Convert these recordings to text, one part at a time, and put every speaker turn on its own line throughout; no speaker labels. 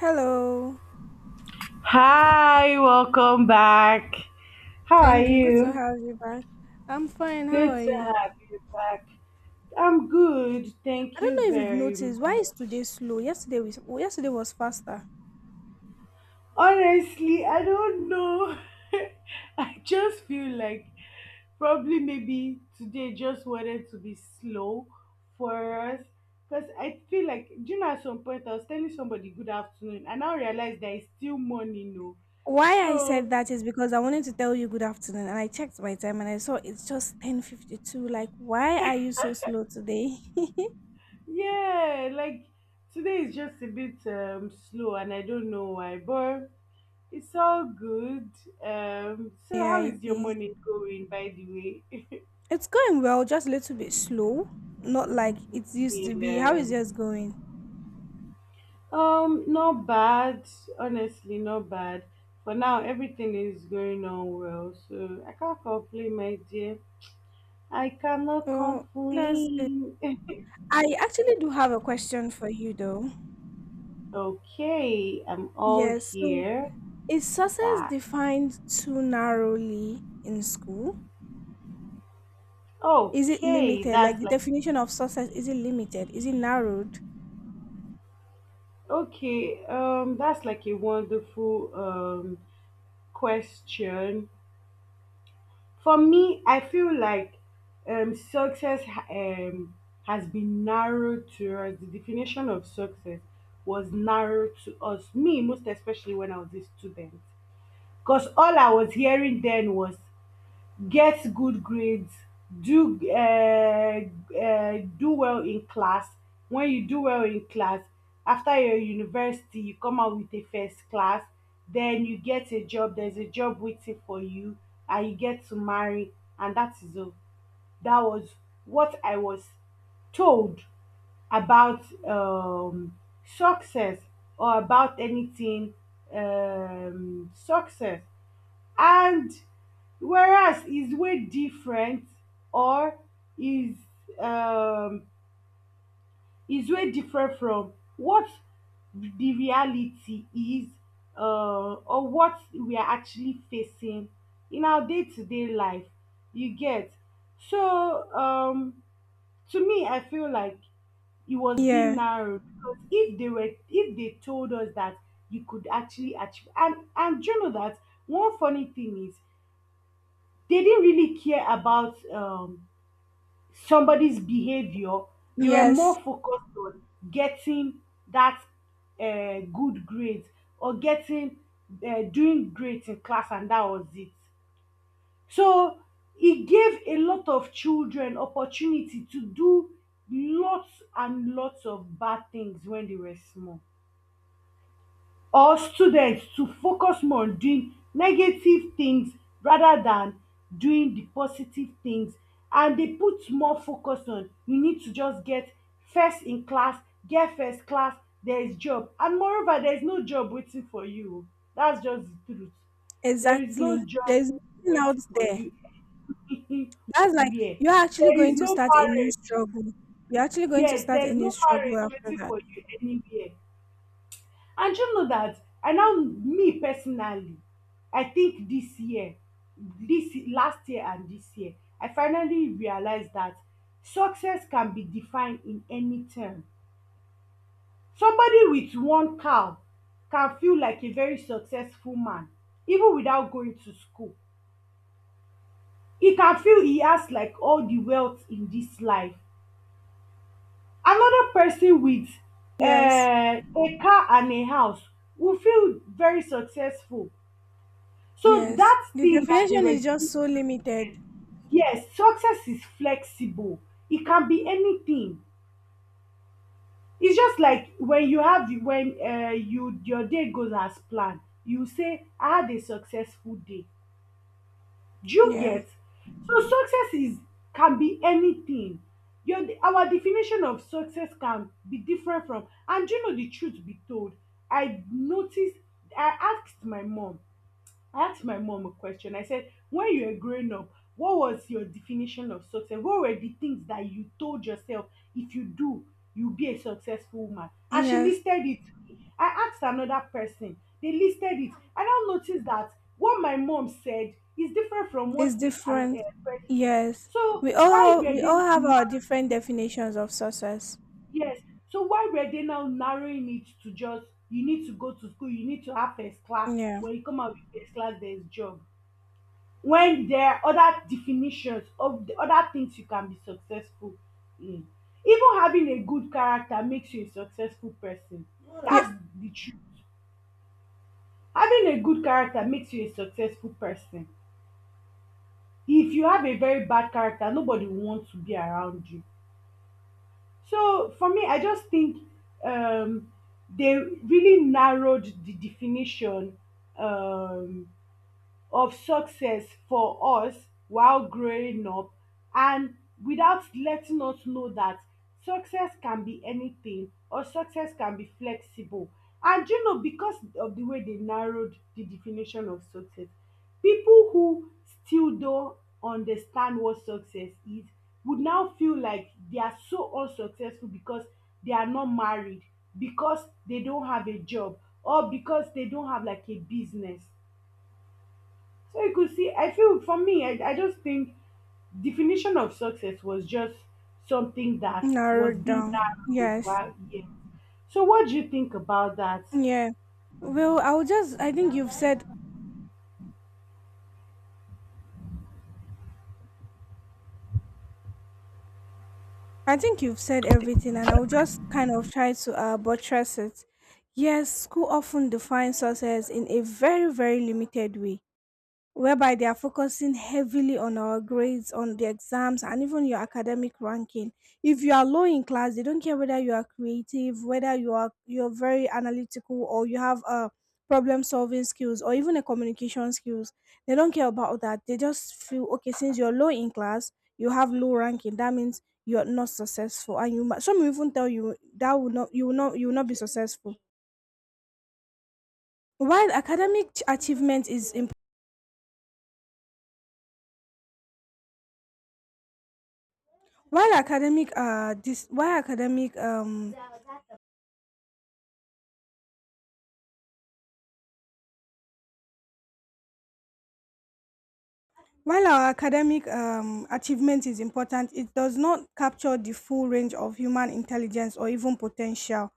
Hello.
Hi, welcome back. How are
Thank you. Good to
you?
have you back. I'm fine. How
Good
are
to
you?
have you back. I'm good.
I
Thank
don't
you
know if you've
very
noticed. Why is today
much.
slow? Yesterday was faster.
Honestly, I don't know. I just feel like probably maybe today just wanted to be slow for us because I feel like, do you know, at some point I was telling somebody good afternoon and now realize that it's still morning, no?
Why I said
So
that is because I wanted to tell you good afternoon and I checked my time and I saw it's just 10:52. Like, why are you so slow today?
Yeah, like today is just a bit slow and I don't know why, but it's all good. So
Yeah,
how
it
is your
is.
morning going by the way?
It's going well, just a little bit slow. Not like it used to be. How
Yeah.
is yours going?
Not bad. Honestly, not bad. For now everything is going on well, so I can't complain, my dear. I cannot
Oh, that's good.
complain.
I actually do have a question for you though.
Okay, I'm all
Yes, so
here.
is success
That
defined too narrowly in school? Is it
okay,
limited? Like,
that's
the
like
definition of success, is it limited? Is it narrowed?
Okay, that's like a wonderful question. For me, I feel like um, success ha- um, has been narrowed to us. The definition of success was narrowed to us, me, most especially when I was a student. Because all I was hearing then was: get good grades, do do well in class. When you do well in class, after your university you come out with a first class, then you get a job, there's a job waiting for you, and you get to marry. And that is all that was what I was told about success, or about anything, success. And Whereas his way different or is um is way different from what the reality is, or what we are actually facing in our day-to-day life, you get. so um to me, I feel like it was being
Yeah.
narrowed, because if they told us that you could actually achieve, and do you know that one funny thing is, they didn't really care about somebody's behavior. They were more
Yes.
focused on getting that good grades, or getting doing great in class, and that was it. So it gave a lot of children opportunity to do lots and lots of bad things when they were small, or students to focus more on doing negative things rather than doing the positive things. And dey put more focus on: you need to just get first in class, get first class, there is job. And moreover, there is no job waiting for you o, dats just the truth. There is
Exactly.
no job
There's nothing out
waiting for
there.
you
That's like,
anywhere,
you're actually
there
going
is
to
no
start a new
marriage.
struggle. You're actually going to
Yes,
start
there
a
is
new
no
struggle
marriage
after
waiting
that.
for you anywhere. And you know that, I now, me personally, I think this year, this last year and this year, I finally realized that success can be defined in any term. Somebody with one cow can feel like a very successful man even without going to school. He can feel he has like all the wealth in this life. Another person with
Yes.
a car and a house will feel very successful. So
Yes.
that
The
thing that they
definition
were
is just
giving
so
to,
limited.
yes, yes, success is flexible. It can be anything. It's just like when you have, when you, your day goes as planned. You say, "I had a successful day." Do you
Yeah.
get? So success is can be anything. Your Our definition of success can be different from. And do you know, the truth be told, I noticed. I asked my mom I asked my mom a question. I said, when you were growing up, what was your definition of success? What were the things that you told yourself, if you do, you'll be a successful woman? And she
Yes.
listed it. I asked another person, they listed it. I now noticed that what my mom said is different from
It's
what this
different.
person.
Yes.
So
We all
why
have,
were
we
they
all
now
have our different
narrowing,
definitions of success.
yes. So why were they now narrowing it to just: you need to go to school, you need to have first class.
Yeah.
When you come out with first class, there's job, when there are other definitions of the other things you can be successful in. Even having a good character makes you a successful person,
Yeah,
that's the truth. Having a good character makes you a successful person. If you have a very bad character, nobody wants to be around you. So for me, I just think um they really narrowed the definition um of success for us while growing up, and without letting us know that success can be anything, or success can be flexible. And you know, because of the way they narrowed the definition of success, people who still don't understand what success is would now feel like they are so unsuccessful, because they are not married, because they don't have a job, or because they don't have like a business. So you could see, I feel, for me, I just think definition of success was just something that was
narrowed
being
down.
narrowed.
Yes.
Wow, yeah. So what do you think about that?
Yeah. Well, I'll just I think you've said I think you've said everything and I'll just kind of try to buttress it. Yes, school often defines us as in a very, very limited way, whereby they are focusing heavily on our grades, on the exams, and even your academic ranking. If you are low in class, they don't care whether you are creative, whether you're very analytical, or you have problem solving skills, or even a communication skills. They don't care about that. They just feel okay, since you're low in class, you have low ranking. That means you're not successful, and you might, some will even tell you that will not you will not you will not be successful. While academic ch- achievement is important While academic dis- while academic while our academic achievement is important, it does not capture the full range of human intelligence or even potential.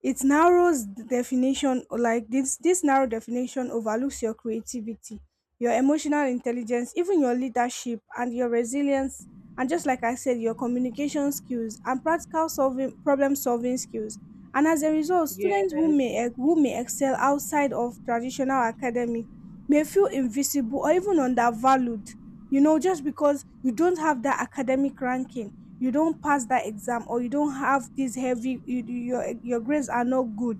It narrows the definition. Like, this narrow definition overlooks your creativity, your emotional intelligence, even your leadership and your resilience, and just like I said, your communication skills and practical solving problem solving skills. And as a result,
Yes,
students who may excel outside of traditional academy may feel invisible or even undervalued, you know, just because you don't have that academic ranking, you don't pass that exam, or you don't have this heavy your grades are not good,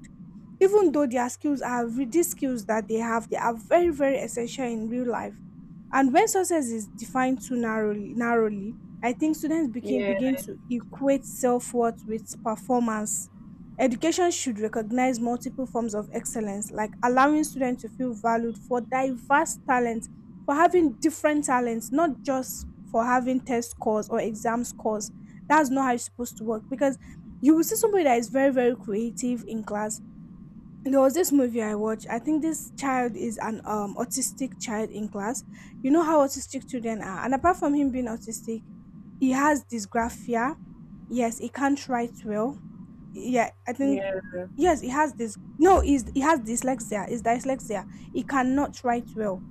even though their skills are re- these skills that they have, they are very, very essential in real life. And when success is defined too narrowly, I think students begin
yes,
to equate self-worth with performance. Education should recognize multiple forms of excellence, like allowing students to feel valued for diverse talents, for having different talents, not just for having test scores or exam scores. That's not how it's supposed to work, because you will see somebody that is very, very creative in class. There was this movie I watched. I think this child is an autistic child in class. You know how autistic children are. And apart from him being autistic, he has dysgraphia. Yes, he can't write well. Yeah I think
yes,
Yes, he has this, no he's he has dyslexia, he's dyslexia. He cannot write well.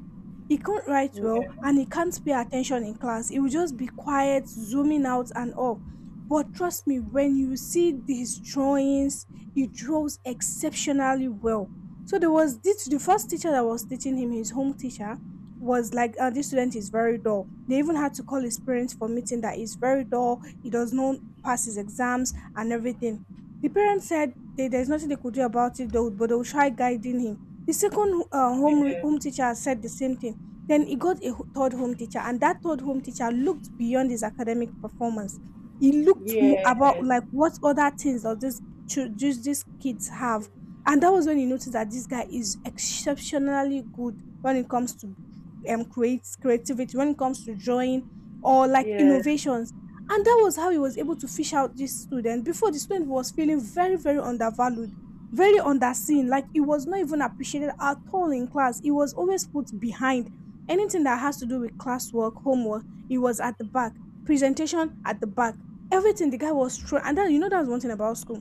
He can not write well,
yes,
and he can't pay attention in class. He will just be quiet, zooming out and all. But trust me, when you see his drawings, he draws exceptionally well. So there was this, the first teacher that was teaching him, his home teacher, was like, this student is very dull. They even had to call his parents for meeting that he's very dull, he does not pass his exams and everything. The parents said they, there's nothing they could do about it, though, but they will try guiding him. The second home teacher said the same thing. Then he got a third home teacher, and that third home teacher looked beyond his academic performance. He looked mo- about
yes,
like what other things does does these kids have, and that was when he noticed that this guy is exceptionally good when it comes to create creativity, when it comes to drawing or like innovations. And that was how he was able to fish out this student. Before, the student was feeling very, very undervalued, very underseen. Like, he was not even appreciated at all in class. He was always put behind. Anything that has to do with classwork, homework, he was at the back. Presentation at the back. Everything the guy was through. And that, you know, that's one thing about school.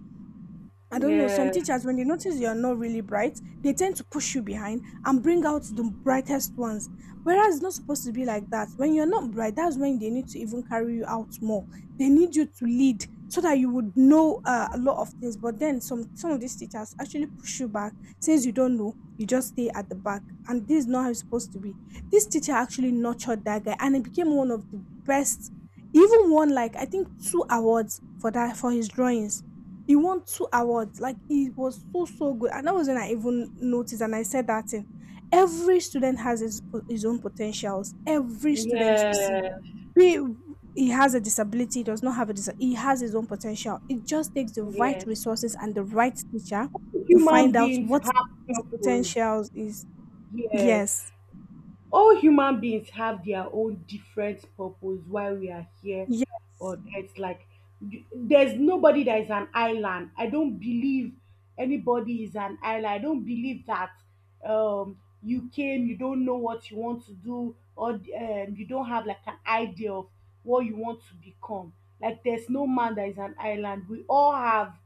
I don't know, some
yes,
teachers, when they notice you're not really bright, they tend to push you behind and bring out the brightest ones. Whereas it's not supposed to be like that. When you're not bright, that's when they need to even carry you out more. They need you to lead so that you would know a lot of things. But then some of these teachers actually push you back. Since you don't know, you just stay at the back. And this is not how it's supposed to be. This teacher actually nurtured that guy and he became one of the best. He even won like, I think, two awards for that, for his drawings. He won two awards. Like, he was so good, and that was when I even noticed. And I said that thing. Every student has his own potentials. Every student you see,
yes, yes,
be he has a disability, he does not have a dis. He has his own potential. It just takes the right
yes.
resources and the right teacher to
Human
find out
beings
what
have
his
purpose.
potentials is.
Yes.
Yes.
All human beings have their own different purpose why we are here
Yeah.
on earth. Like, there's nobody that is an island, I don't believe anybody is an island. I don't believe that you came, you don't know what you want to do, or you don't have like an idea of what you want to become. Like, there's no man that is an island, we all have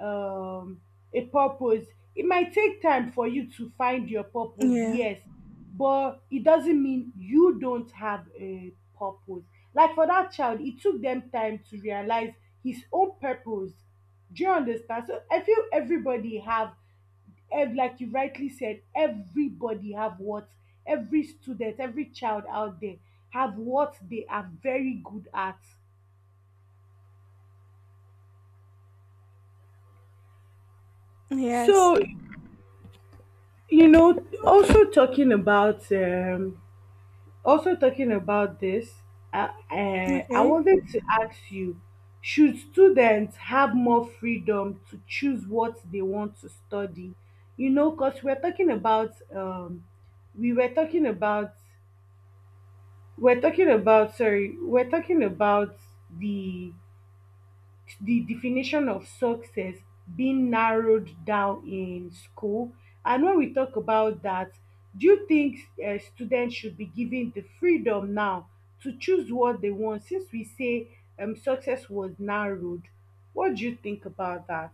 um a purpose. It might take time for you to find your purpose,
Yeah.
yes, but it doesn't mean you don't have a purpose. Like for that child, it took them time to realize his own purpose. Do you understand? So I feel everybody have, like you rightly said, everybody have what, every student, every child out there have what they are very good at. So
Yes.
you know, also talking about this, I
Okay.
wanted to ask you, should students have more freedom to choose what they want to study? You know, because we're talking about, we were talking about, we're talking about, sorry, we're talking about the the definition of success being narrowed down in school. And when we talk about that, do you think students should be given the freedom now to choose what they want, since we say success was narrowed? What do you think about that?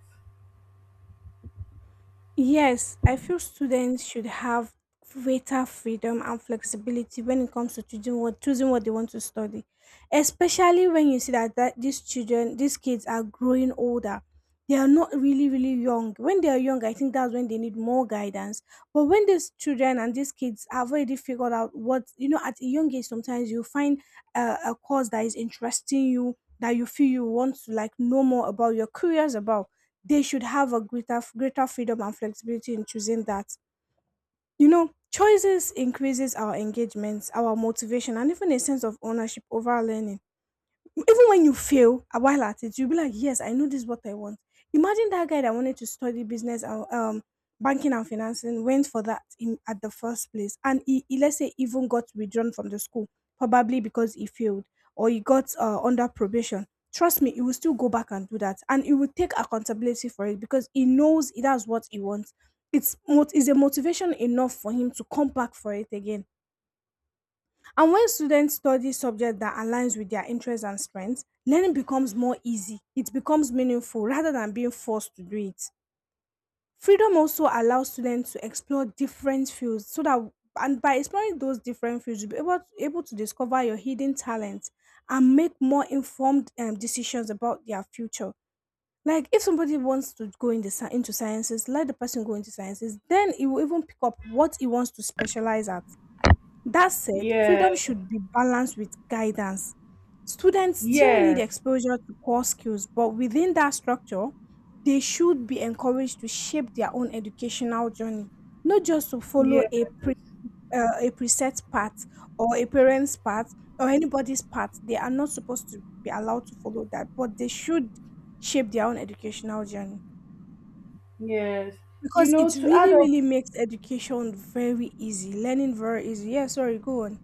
Yes, I feel students should have greater freedom and flexibility when it comes to choosing what they want to study. Especially when you see that, that these children, these kids are growing older. They are not really, really young. When they are young, I think that's when they need more guidance. But when these children and these kids have already figured out what, you know, at a young age, sometimes you find a course that is interesting you, that you feel you want to like know more about, you're curious about, they should have a greater freedom and flexibility in choosing that. You know, choices increases our engagements, our motivation, and even a sense of ownership over our learning. Even when you fail a while at it, you'll be like, yes, I know this is what I want. Imagine that guy that wanted to study business and banking and financing, went for that in at the first place, and he let's say even got withdrawn from the school, probably because he failed, or he got under probation. Trust me, he will still go back and do that, and he will take accountability for it, because he knows that's what he wants. Is a motivation enough for him to come back for it again. And when students study subjects that aligns with their interests and strengths, learning becomes more easy. It becomes meaningful rather than being forced to do it. Freedom also allows students to explore different fields, so that, and by exploring those different fields, you'll be able to, able to discover your hidden talents and make more informed decisions about their future. Like, if somebody wants to go in the, into sciences, let the person go into sciences. Then he will even pick up what he wants to specialize at. That said,
Yeah,
freedom should be balanced with guidance. Students still need
yeah,
exposure to core skills, but within that structure, they should be encouraged to shape their own educational journey, not just to follow
yes,
a pre, a preset path, or a parent's path, or anybody's path. They are not supposed to be allowed to follow that, but they should shape their own educational journey,
yes. You
because
know,
it
to add
really,
up
really makes education very easy, learning very easy. Yeah, sorry, go on.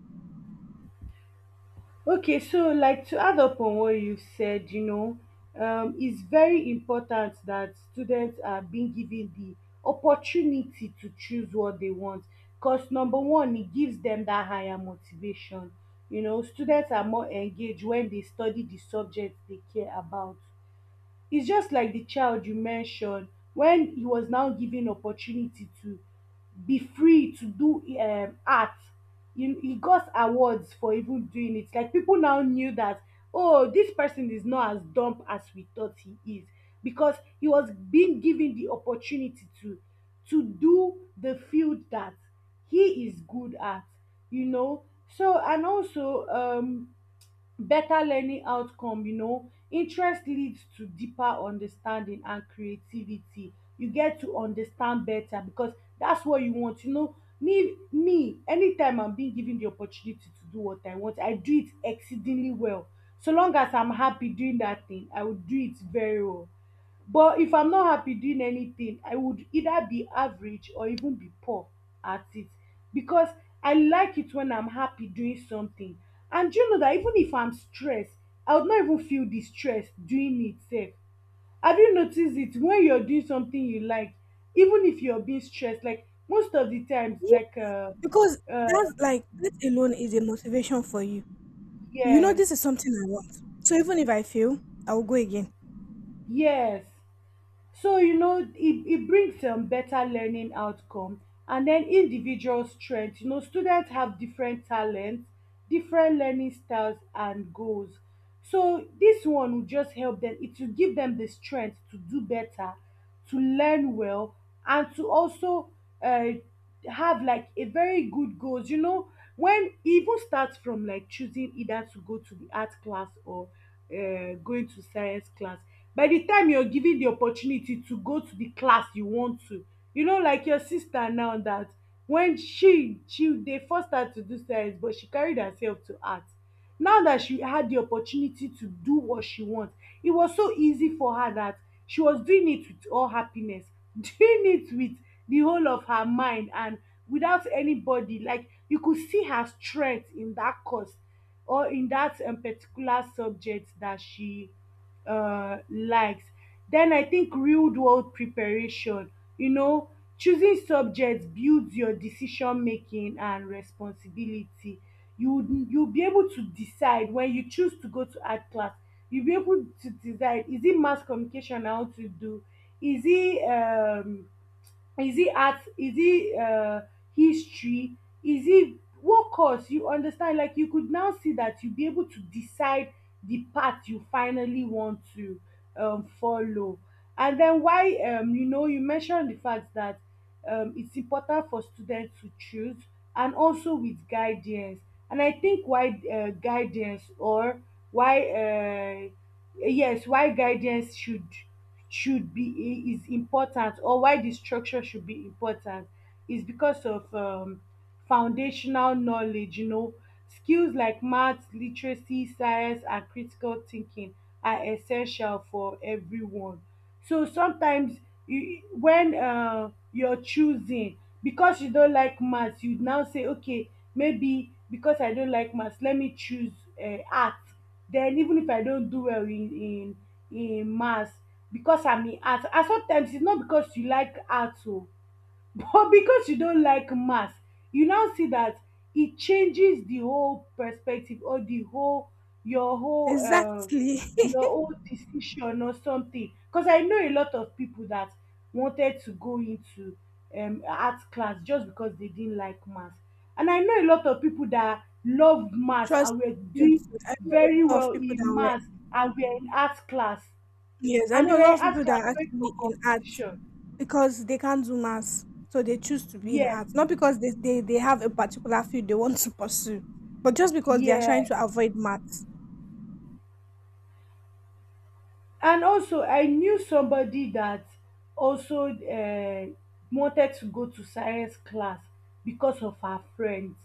Okay, so like to add up on what you said, you know, it's very important that students are being given the opportunity to choose what they want. Because number one, it gives them that higher motivation. You know, students are more engaged when they study the subject they care about. Its just like the child you mentioned, when he was now given opportunity to be free to do art, he got awards for even doing it. Like, people now knew that, oh, this person is not as dumb as we thought he is, because he was being given the opportunity to do the field that he is good at, you know. So and also, better learning outcome. You know, interest leads to deeper understanding and creativity. You get to understand better because that's what you want. You know, me me anytime I'm being given the opportunity to do what I want, I do it exceedingly well. So long as I'm happy doing that thing, I will do it very well. But if I'm not happy doing anything, I would either be average or even be poor at it, because I like it when I'm happy doing something. And do you know that even if I'm stressed, I would not even feel the stress doing it sef. Have you noticed it, when you're doing something you like, even if you're being stressed, like most of the times, like
Because
uh
that's like, that alone is a motivation for you. You know,
yes,
this is something I want. So even if I fail, I will go again.
yes. So you know, it brings better learning outcome, and then individual strength. You know, students have different talents, different learning styles and goals. So this one will just help them. It will give them the strength to do better, to learn well, and to also uh, have like a very good goals. You know, when it even starts from like choosing either to go to the art class or going to science class, by the time you're given the opportunity to go to the class you want to, you know, like your sister now, that when she dey force her to do science but she carried herself to art, now that she had the opportunity to do what she wants, it was so easy for her that she was doing it with all happiness, doing it with the whole of her mind and without anybody. Like, you could see her strength in that course, or in that particular subject that she likes. Then I think real world preparation, you know, choosing subjects builds your decision making and responsibility. You'll be able to decide when you choose to go to art class. You'll be able to decide: is it mass communication I want to do? Is it um, is it art, is it history, is it what course? You understand, like, you could now see that you'll be able to decide the path you finally want to follow. And then why— you know, you mentioned the fact that it's important for students to choose, and also with guidance. And I think why guidance, or why yes, why guidance should be— is important, or why the structure should be important, is because of foundational knowledge, you know, skills like math, literacy, science and critical thinking are essential for everyone. So sometimes you— when you're choosing, because you don't like maths, you now say, okay, maybe because I don't like maths, let me choose art. Then even if I don't do well in— maths, because I'm in art— and sometimes it's not because you like art, oh, but because you don't like maths, you now see that it changes the whole perspective, or the whole— your whole
Exactly.
your whole decision, or something, because I know a lot of people that wanted to go into art class just because they didn't like maths. And I know a lot of people that love maths
Trust
and were
me, dude,
doing
I know
very
a lot of
well
people
in
that were
maths and were in art class,
yes, I
and they
know a
were
lot
in
of
art
people that
class
are
going for
actually in art
competition.
because they can't do maths. So they choose to be in
Yes.
art. Not because they have a particular field they want to pursue, but just because they are
Yeah.
trying to avoid maths.
And also, I knew somebody that also wanted to go to science class because of her friends.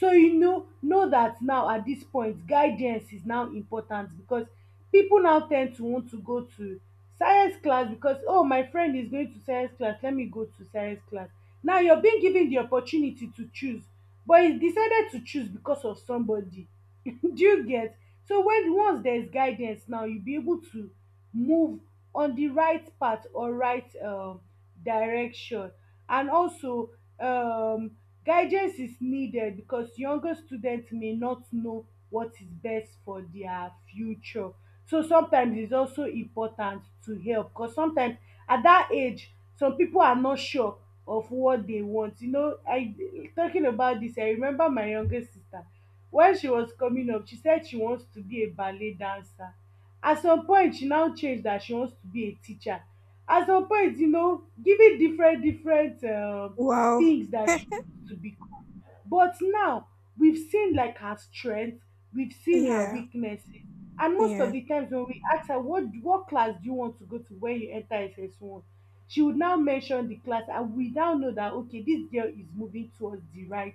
So you know that now at dis point guidance is now important, because pipu now ten d to want to go to science class, because, "Oh, my friend is going to science class, let me go to science class." Now you're being given the opportunity to choose, but you decided to choose because of somebody. Do you get? So when once there's guidance, now you'll be able to move on the right path, or right direction. And also, um, guidance is needed because younger students may not know what is best for their future. So sometimes it's also important to help, because sometimes at that age some people are not sure of what they want. You know, I— talking about this, I remember my youngest sister. When she was coming up, she said she wants to be a ballet dancer. At some point she now change that she wants to be a teacher. At some point, you know, giving different different
Wow.
things that she wants to become. But now we've seen, like, her strength, we've seen her
Yeah.
weaknesses, and most of
Yeah.
the times when we ask her, What class do you want to go to when you enter SS1?", she would now mention the class, and we now know that, okay, dis girl is moving towards the right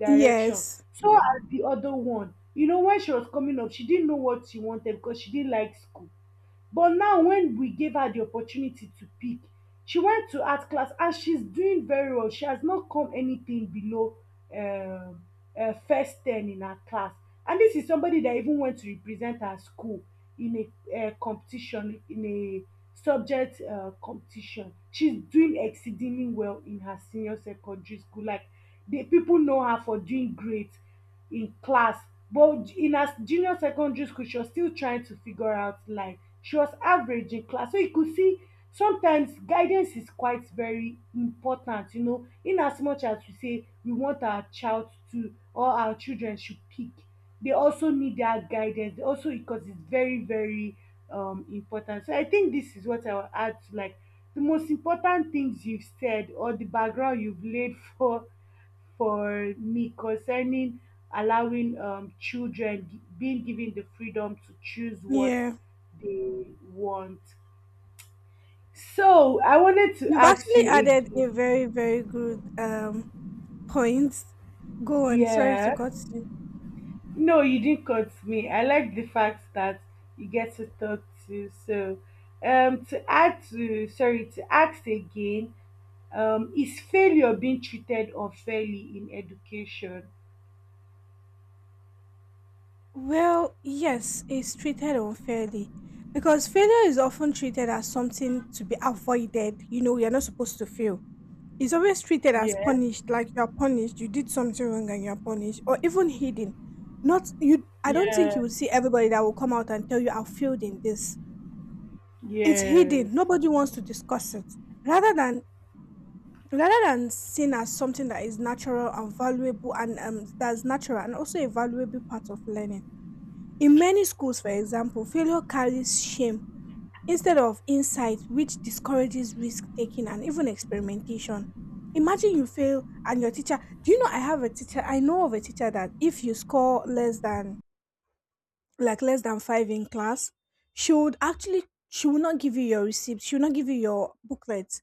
direction.
Yes.
So as the other one, you know, when she was coming up she didn't know what she wanted because she didn't like school. But now when we gave her the opportunity to pick, she went to art class and she's doing very well. She has not come anything below um first ten in her class, and this is somebody that even went to represent her school in a competition, in a subject competition. She's doing exceedingly well in her senior secondary school, like, the people know her for doing great in class, but in her junior secondary school she was still trying to figure out life. She was average in class, so you could see, sometimes guidance is quite very important, you know, in as much as we say we want our child to— or our children should pick, they also need that guidance. They also— because it's very very important. So I think this is what I will add to, like, the most important things you've said, or the background you've laid for me concerning allowing children being given the freedom to choose what
Yeah.
they want. So I wanted to
You've
ask
actually
you
added a
again.
very, very good point. Go on, sorry to
Yeah.
cut you.
No, you didn't cut me. I like the fact that you get to talk to. So, to add to— sorry to ask again, is failure being treated unfairly in education?
Well, yes, it's treated unfairly because failure is often treated as something to be avoided. You know, you're not supposed to fail. It's always treated as
Yeah.
punished, like you're punished, you did something wrong and you're punished, or even hidden. Not you I don't think you
Yeah.
will see everybody that will come out and tell you I failed in this. It's
Yes.
hidden. Nobody wants to discuss it. Rather than rather than seen as something that is natural and valuable and that's natural and also a valuable part of learning. In many schools, for example, failure carries shame instead of insight, which discourages risk taking and even experimentation. Imagine you fail and your teacher, do you know, I know of a teacher that if you score less than 5 in class, she would actually she will not give you your receipt, she will not give you your booklet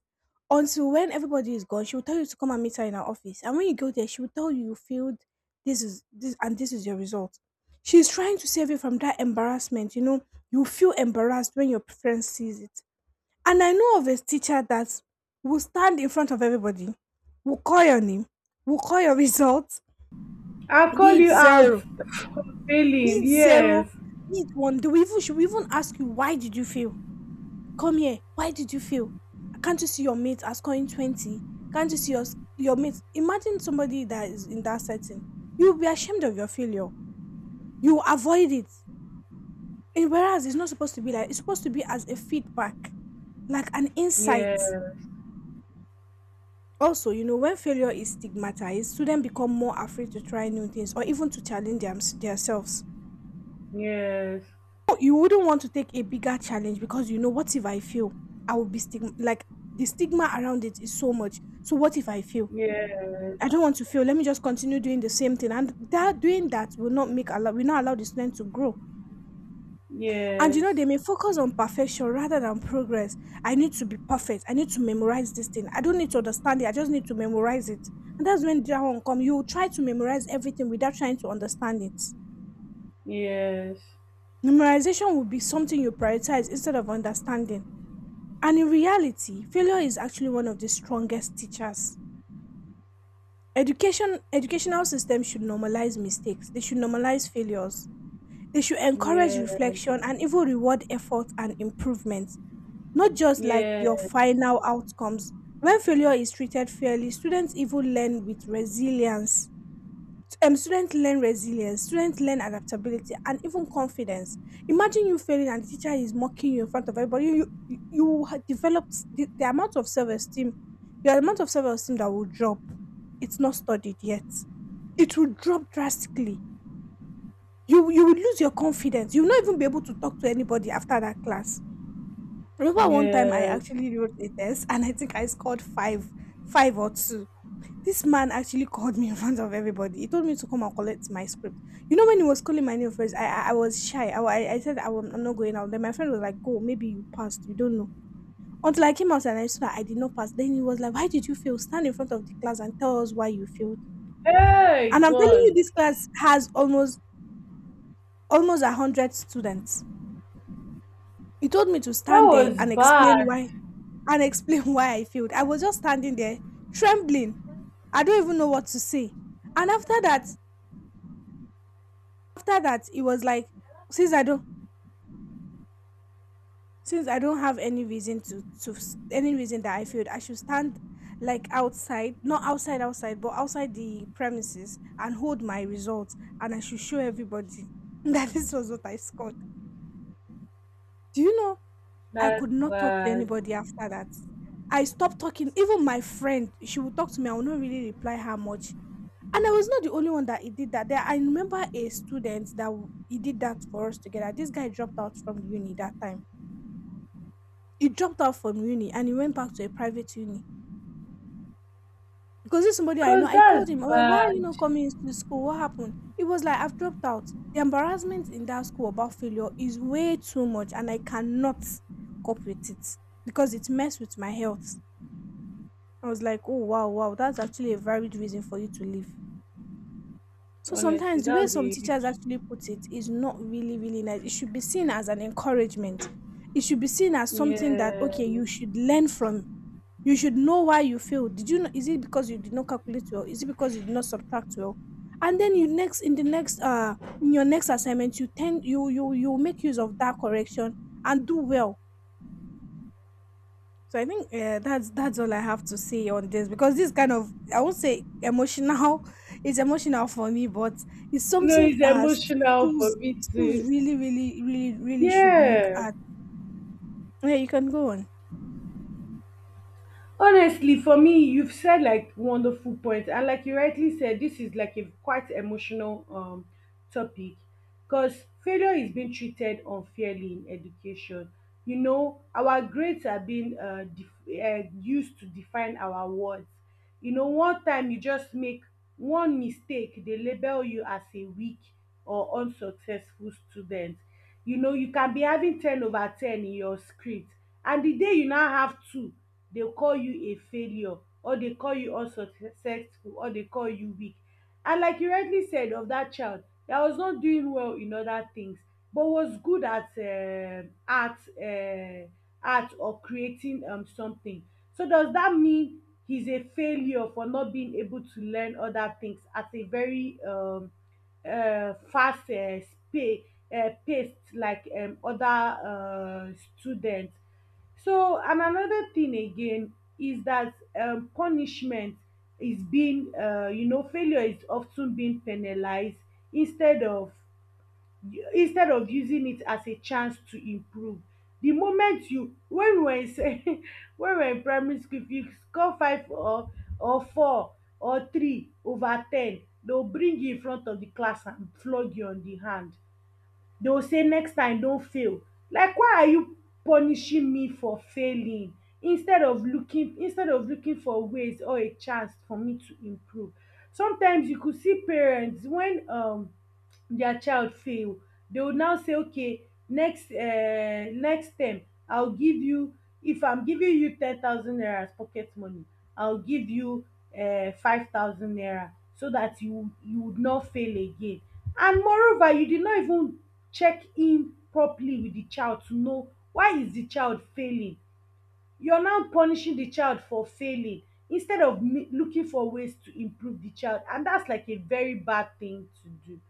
until when everybody is gone. She will tell you to come and meet her in her office, and when you go there, she will tell you you failed. This is this and this is your result. She's trying to save you from that embarrassment. You know, you feel embarrassed when your friend sees it. And I know of a teacher that will stand in front of everybody, will call your name, will call your results,
I'll call
be it
you out
0,
for failing.
need
Yes.
0, need 1. Do we even should we even ask you why did you fail? Come here. Why did you fail? Can't you see your mate are scoring 20? Can't you see your mate? Imagine somebody that is in that setting. You will be ashamed of your failure. You will avoid it. And whereas it's not supposed to be like, it's supposed to be as a feedback, like an insight.
Yes.
Also, you know, when failure is stigmatized, students become more afraid to try new things or even to challenge themselves.
Yes.
Oh, you wouldn't want to take a bigger challenge because you know, what if I fail? I will be stigma like the stigma around it is so much. So what if I fail?
Yes.
I don't want to fail. Let me just continue doing the same thing. And that doing that will not allow the student to grow. And you
Yes.
know, they may focus on perfection rather than progress. I need to be perfect. I need to memorize this thing. I don't need to understand it. I just need to memorize it. And that's when that one come. You will try to memorize everything without trying to understand it.
Yes.
Memorization will be something you prioritize instead of understanding. And in reality, failure is actually one of the strongest teachers. Education educational systems should normalize mistakes. They should normalize failures. They should encourage
Yes.
reflection and even reward effort and improvement, not just like your
Yes.
final outcomes. When failure is treated fairly, students even learn with resilience, students learn resilience, students learn adaptability, and even confidence. Imagine you failing and the teacher is mocking you in front of everybody. You developed the amount of self esteem, the amount of self esteem that will drop. It's not studied yet. It will drop drastically. You will lose your confidence. You will not even be able to talk to anybody after that class. Remember one time I
Yes.
actually wrote a test and I think I scored 5, 5 or 2. This man actually called me in front of everybody. He told me to come and collect my script. You know, when he was calling my name first, I was shy. I said I'm not going out. Then my friend was like, "Go, maybe you passed. You don't know." Until I came out and I saw that I did not pass. Then he was like, "Why did you fail? Stand in front of the class and tell us why you failed."
Hey
And I'm telling you,
God.
this class has almost 100 students. He told me to
That
stand there
was
and explain
bad.
why and explain why I failed. I was just standing there trembling. I don't even know what to say. And after that it was like since i don't since I don't have any reason that I failed, I should stand like outside, not outside outside, but outside the premises, and hold my results, and I should show everybody that this was what I scored. Do you know, I
That's
could not talk to
bad.
anybody after that. I stopped talking. Even my friend, she would talk to me, I would not really reply her much. And I was not the only one that he did that. There, I remember a student that he did that for us together. This guy dropped out from uni that time. He dropped out from uni and he went back to a private uni because this somebody I know.
Cause
I
that's
called him. I was like, "Why are you
bad.
not coming to school? What happened?" He was like, "I've dropped out. The embarrassment in that school about failure is way too much, and I cannot cope with it because it messed with my health." I was like, "Oh wow, wow, that's actually a valid reason for you to leave." So
Honestly,
sometimes the
that
way
was a
some teachers
huge—
actually put it is not really, really nice. It should be seen as an encouragement. It should be seen as something that,
yeah.
okay, you should learn from. You should know why you failed. Did you know, is it because you did not calculate well? Is it because you did not subtract well? And then you next in the next in your next assignment you tend you you you make use of that correction and do well. So I think that's all I have to say on this, because this kind of, I won't say emotional it's emotional for me, but it's
No,
something
it's emotional for
schools
me
schools
too.
really really really really should look
Yeah.
at. Yeah, you can go on.
Honestly, for me, you've said, like, wonderful point, and like you rightly said, this is like a quite emotional topic, because failure is being treated unfairly in education. You know, our grades are being used to define our worth. You know, one time you just make one mistake, they label you as a weak or unsuccessful student. You know, you can be having 10 over 10 in your script, and the day you now have two, dey call you a failure, or dey call you unsuccessful, or dey call you weak. And like you rightly said of that child that was not doing well in other things but was good at art, or creating something. So does that mean he's a failure for not being able to learn other things at a very fast spa pace like other students? So, and another thing again is that, punishment is being— you know, failure is often being penalized, instead of instead of using it as a chance to improve. The moment you— when we were in when we were in primary school, if you score five, or four, or three over ten, they will bring you in front of the class and flog you on the hand. Dey go say, "Next time don fail." Like, why are you punishing me for failing, instead of looking for ways or a chance for me to improve? Sometimes you could see parents when their child fail, they will now say, okay, next term, I'll give you if I'm giving you 10,000 naira as pocket money, I'll give you 5000 naira, so that you would not fail again. And moreover, you did not even check in properly with the child to know why is the child failing. You're now punishing the child for failing, instead of looking for ways to improve the child, and that's like a very bad thing to do.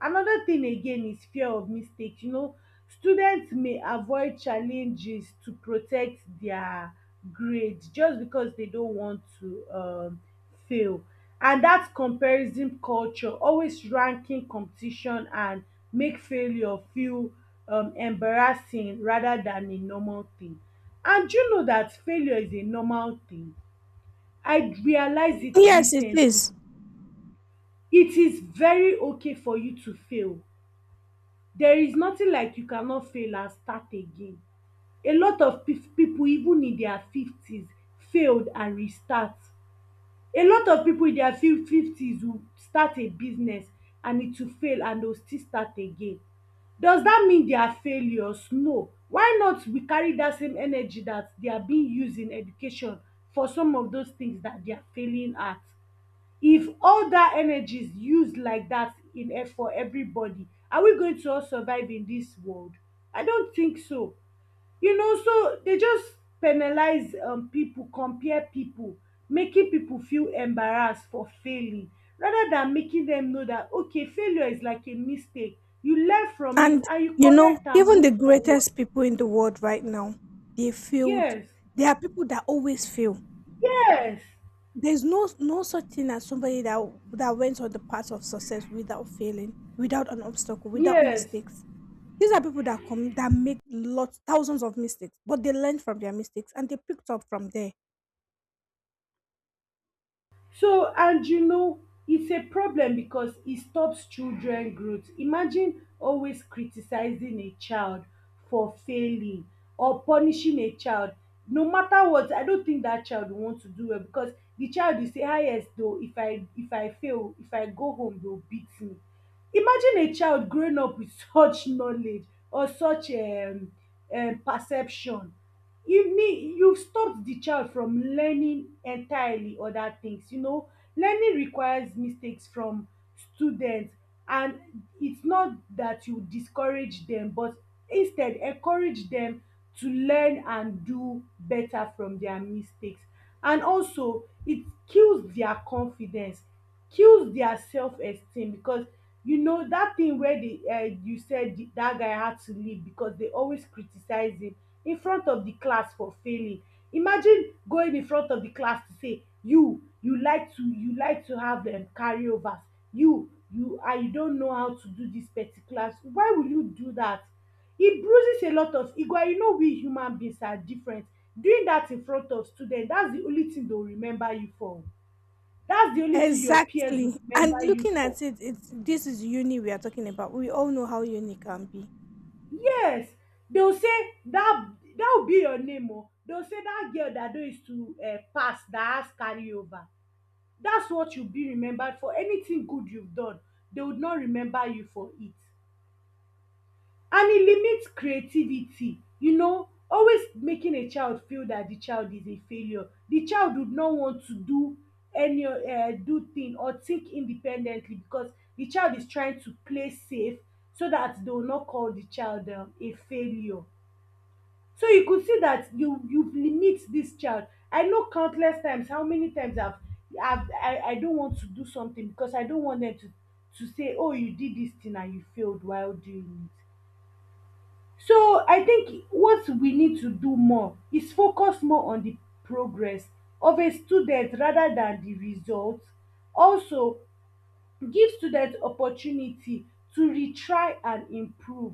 Another thing again is fear of mistake. You know, students may avoid challenges to protect their grade, just because they don't want to fail. And that comparison culture, always ranking, competition, and make failure feel embarrassing rather than a normal thing. And you know that failure is a normal thing. I realized it
Yes, it
recently.
is.
It is very okay for you to fail. There is nothing like you cannot fail and start again. A lot of people even in their fifties failed and restart. A lot of people in their fifties will start a business and it will fail, and they will still start again. Does that mean they are failures? No. Why not we carry that same energy that they are being used in education for some of those things that they are failing at? If all that energy is used like that in for everybody, are we going to all survive in this world? I don't think so. You know, so they just penalize people, compare people, making people feel embarrassed for failing, rather than making them know that, okay, failure is like a mistake, you learn from it
And
and you
you know,
correct and
even
move
the
forward.
greatest people in the world right now, they failed.
Yes.
There are people that always fail.
Yes.
There's no such thing as somebody that went on the path of success without failing, without an obstacle, without
Yes.
mistakes. These are people that come that make lots thousands of mistakes, but they learned from their mistakes and they picked up from there.
So, and you know, it's a problem because it stops children growth. Imagine always criticizing a child for failing, or punishing a child. No matter what, I don't think that child will want to do well, because the child will say, ah, yes though, if I fail, if I go home, they will beat me. Imagine a child growing up with such knowledge, or such perception. You mean you've stopped the child from learning entirely other things. You know, learning requires mistakes from students, and it's not that you discourage them, but instead encourage them to learn and do better from their mistakes. And also, it kills their confidence, kills their self esteem because you know that thing where they you said that guy had to leave because they always criticize him in front of the class for failing. Imagine going in front of the class to say you like to you like to have carryovers. You and you don't know how to do this particular, why will you do that? It bruises a lot of ego, and you know we human beings are different. Doing that in front of students, that's the only thing they'll remember you for. That's the only thing your peers would
Exactly. And
remember you
looking
for.
at it, it's this is uni we are talking about. We all know how uni can be.
Yes, they'll say that, that will be your name oh. They'll say that girl that don used to pass that has carry over. That's what you'll be remembered for. Anything good you've done, they would not remember you for it. And it limits creativity. You know, always making a child feel that the child is a failure, the child would not want to do any do thing or think independently because the child is trying to play safe, so that they will not call the child a failure. So you could see that you limit this child. I know countless times how many times I don't want to do something because I don't want them to say, oh you did this thing and you failed while doing it. So I think what we need to do more is focus more on the progress of a student rather than the result. Also, give students opportunity to retry and improve,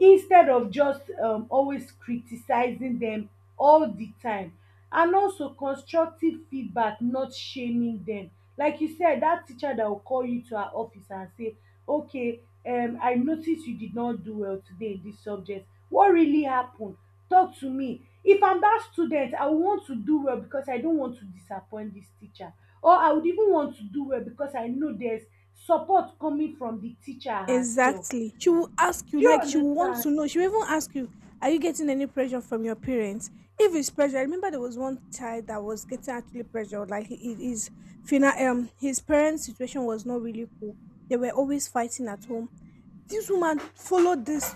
instead of just always criticising dem all the time. And also constructive feedback, not shaming them. Like you said, that teacher that will call you to her office and say, okay, I noticed you did not do well today in this subject, what really happened? Talk to me. If I'm that student, I will want to do well because I don't want to disappoint this teacher, or I would even want to do well because I know there's support coming from the teacher herself.
Exactly. She will ask you,
Do you
like she will want
understand?
to know. She will even ask you, are you getting any pressure from your parents? If it's pressure, I remember there was one child that was getting actually pressured. Like his parents' situation was not really cool. They were always fighting at home. This woman followed this.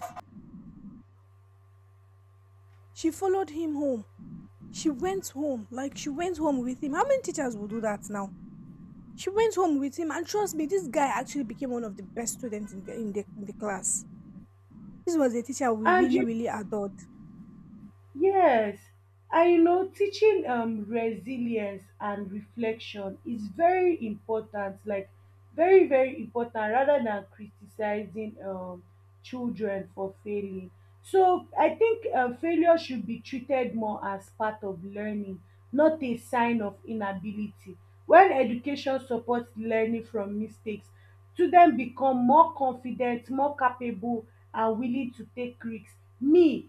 She followed him home. She went home. Like she went home with him. How many teachers will do that now? She went home with him, and trust me, this guy actually became one of the best students in the class. This was a teacher we
And
really,
you,
really adored.
yes, I know, teaching resilience and reflection is very important, like very, very important, rather than criticizing children for failing. So I think failure should be treated more as part of learning, not a sign of inability. When education supports learning from mistakes, students become more confident, more capable, and willing to take risks. Me,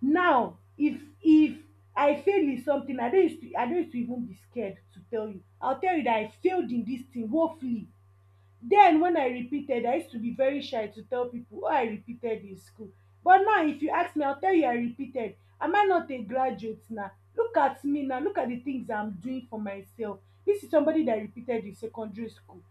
now if I fail in something, I no use to even be scared to tell you, I go tell you that I failed in this thing woefully. Then when I repeated, I used to be very shy to tell people, oh I repeated in school. But now if you ask me, I go tell you I repeated. Am I not a graduate na? Look at me now, look at the things I'm doing for myself. This is somebody that repeated in secondary school.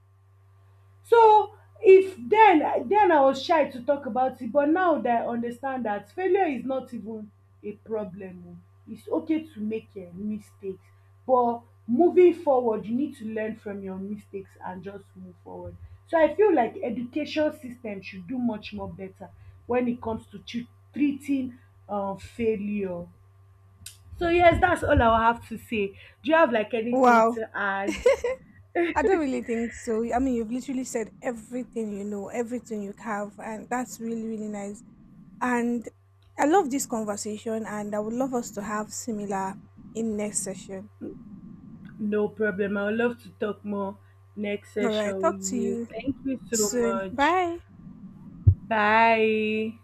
So if then I was shy to talk about it, but now that I understand that failure is not even a problem o, it's okay to make mistakes. But moving forward, you need to learn from your mistakes and just move forward. So I feel like education system should do much more better when it comes to treating failure. So yes, that's all I will have to say. Do you have like anything
Wow,
to add?
I don't really think so. I mean, you've literally said everything you know, everything you have, and that's really, really nice. And I love this conversation, and I would love us to have similar in next session.
No problem. I would love to talk more next
All right,
session
talk to
with you.
you
Thank you so
soon.
much.
Bye.
Bye.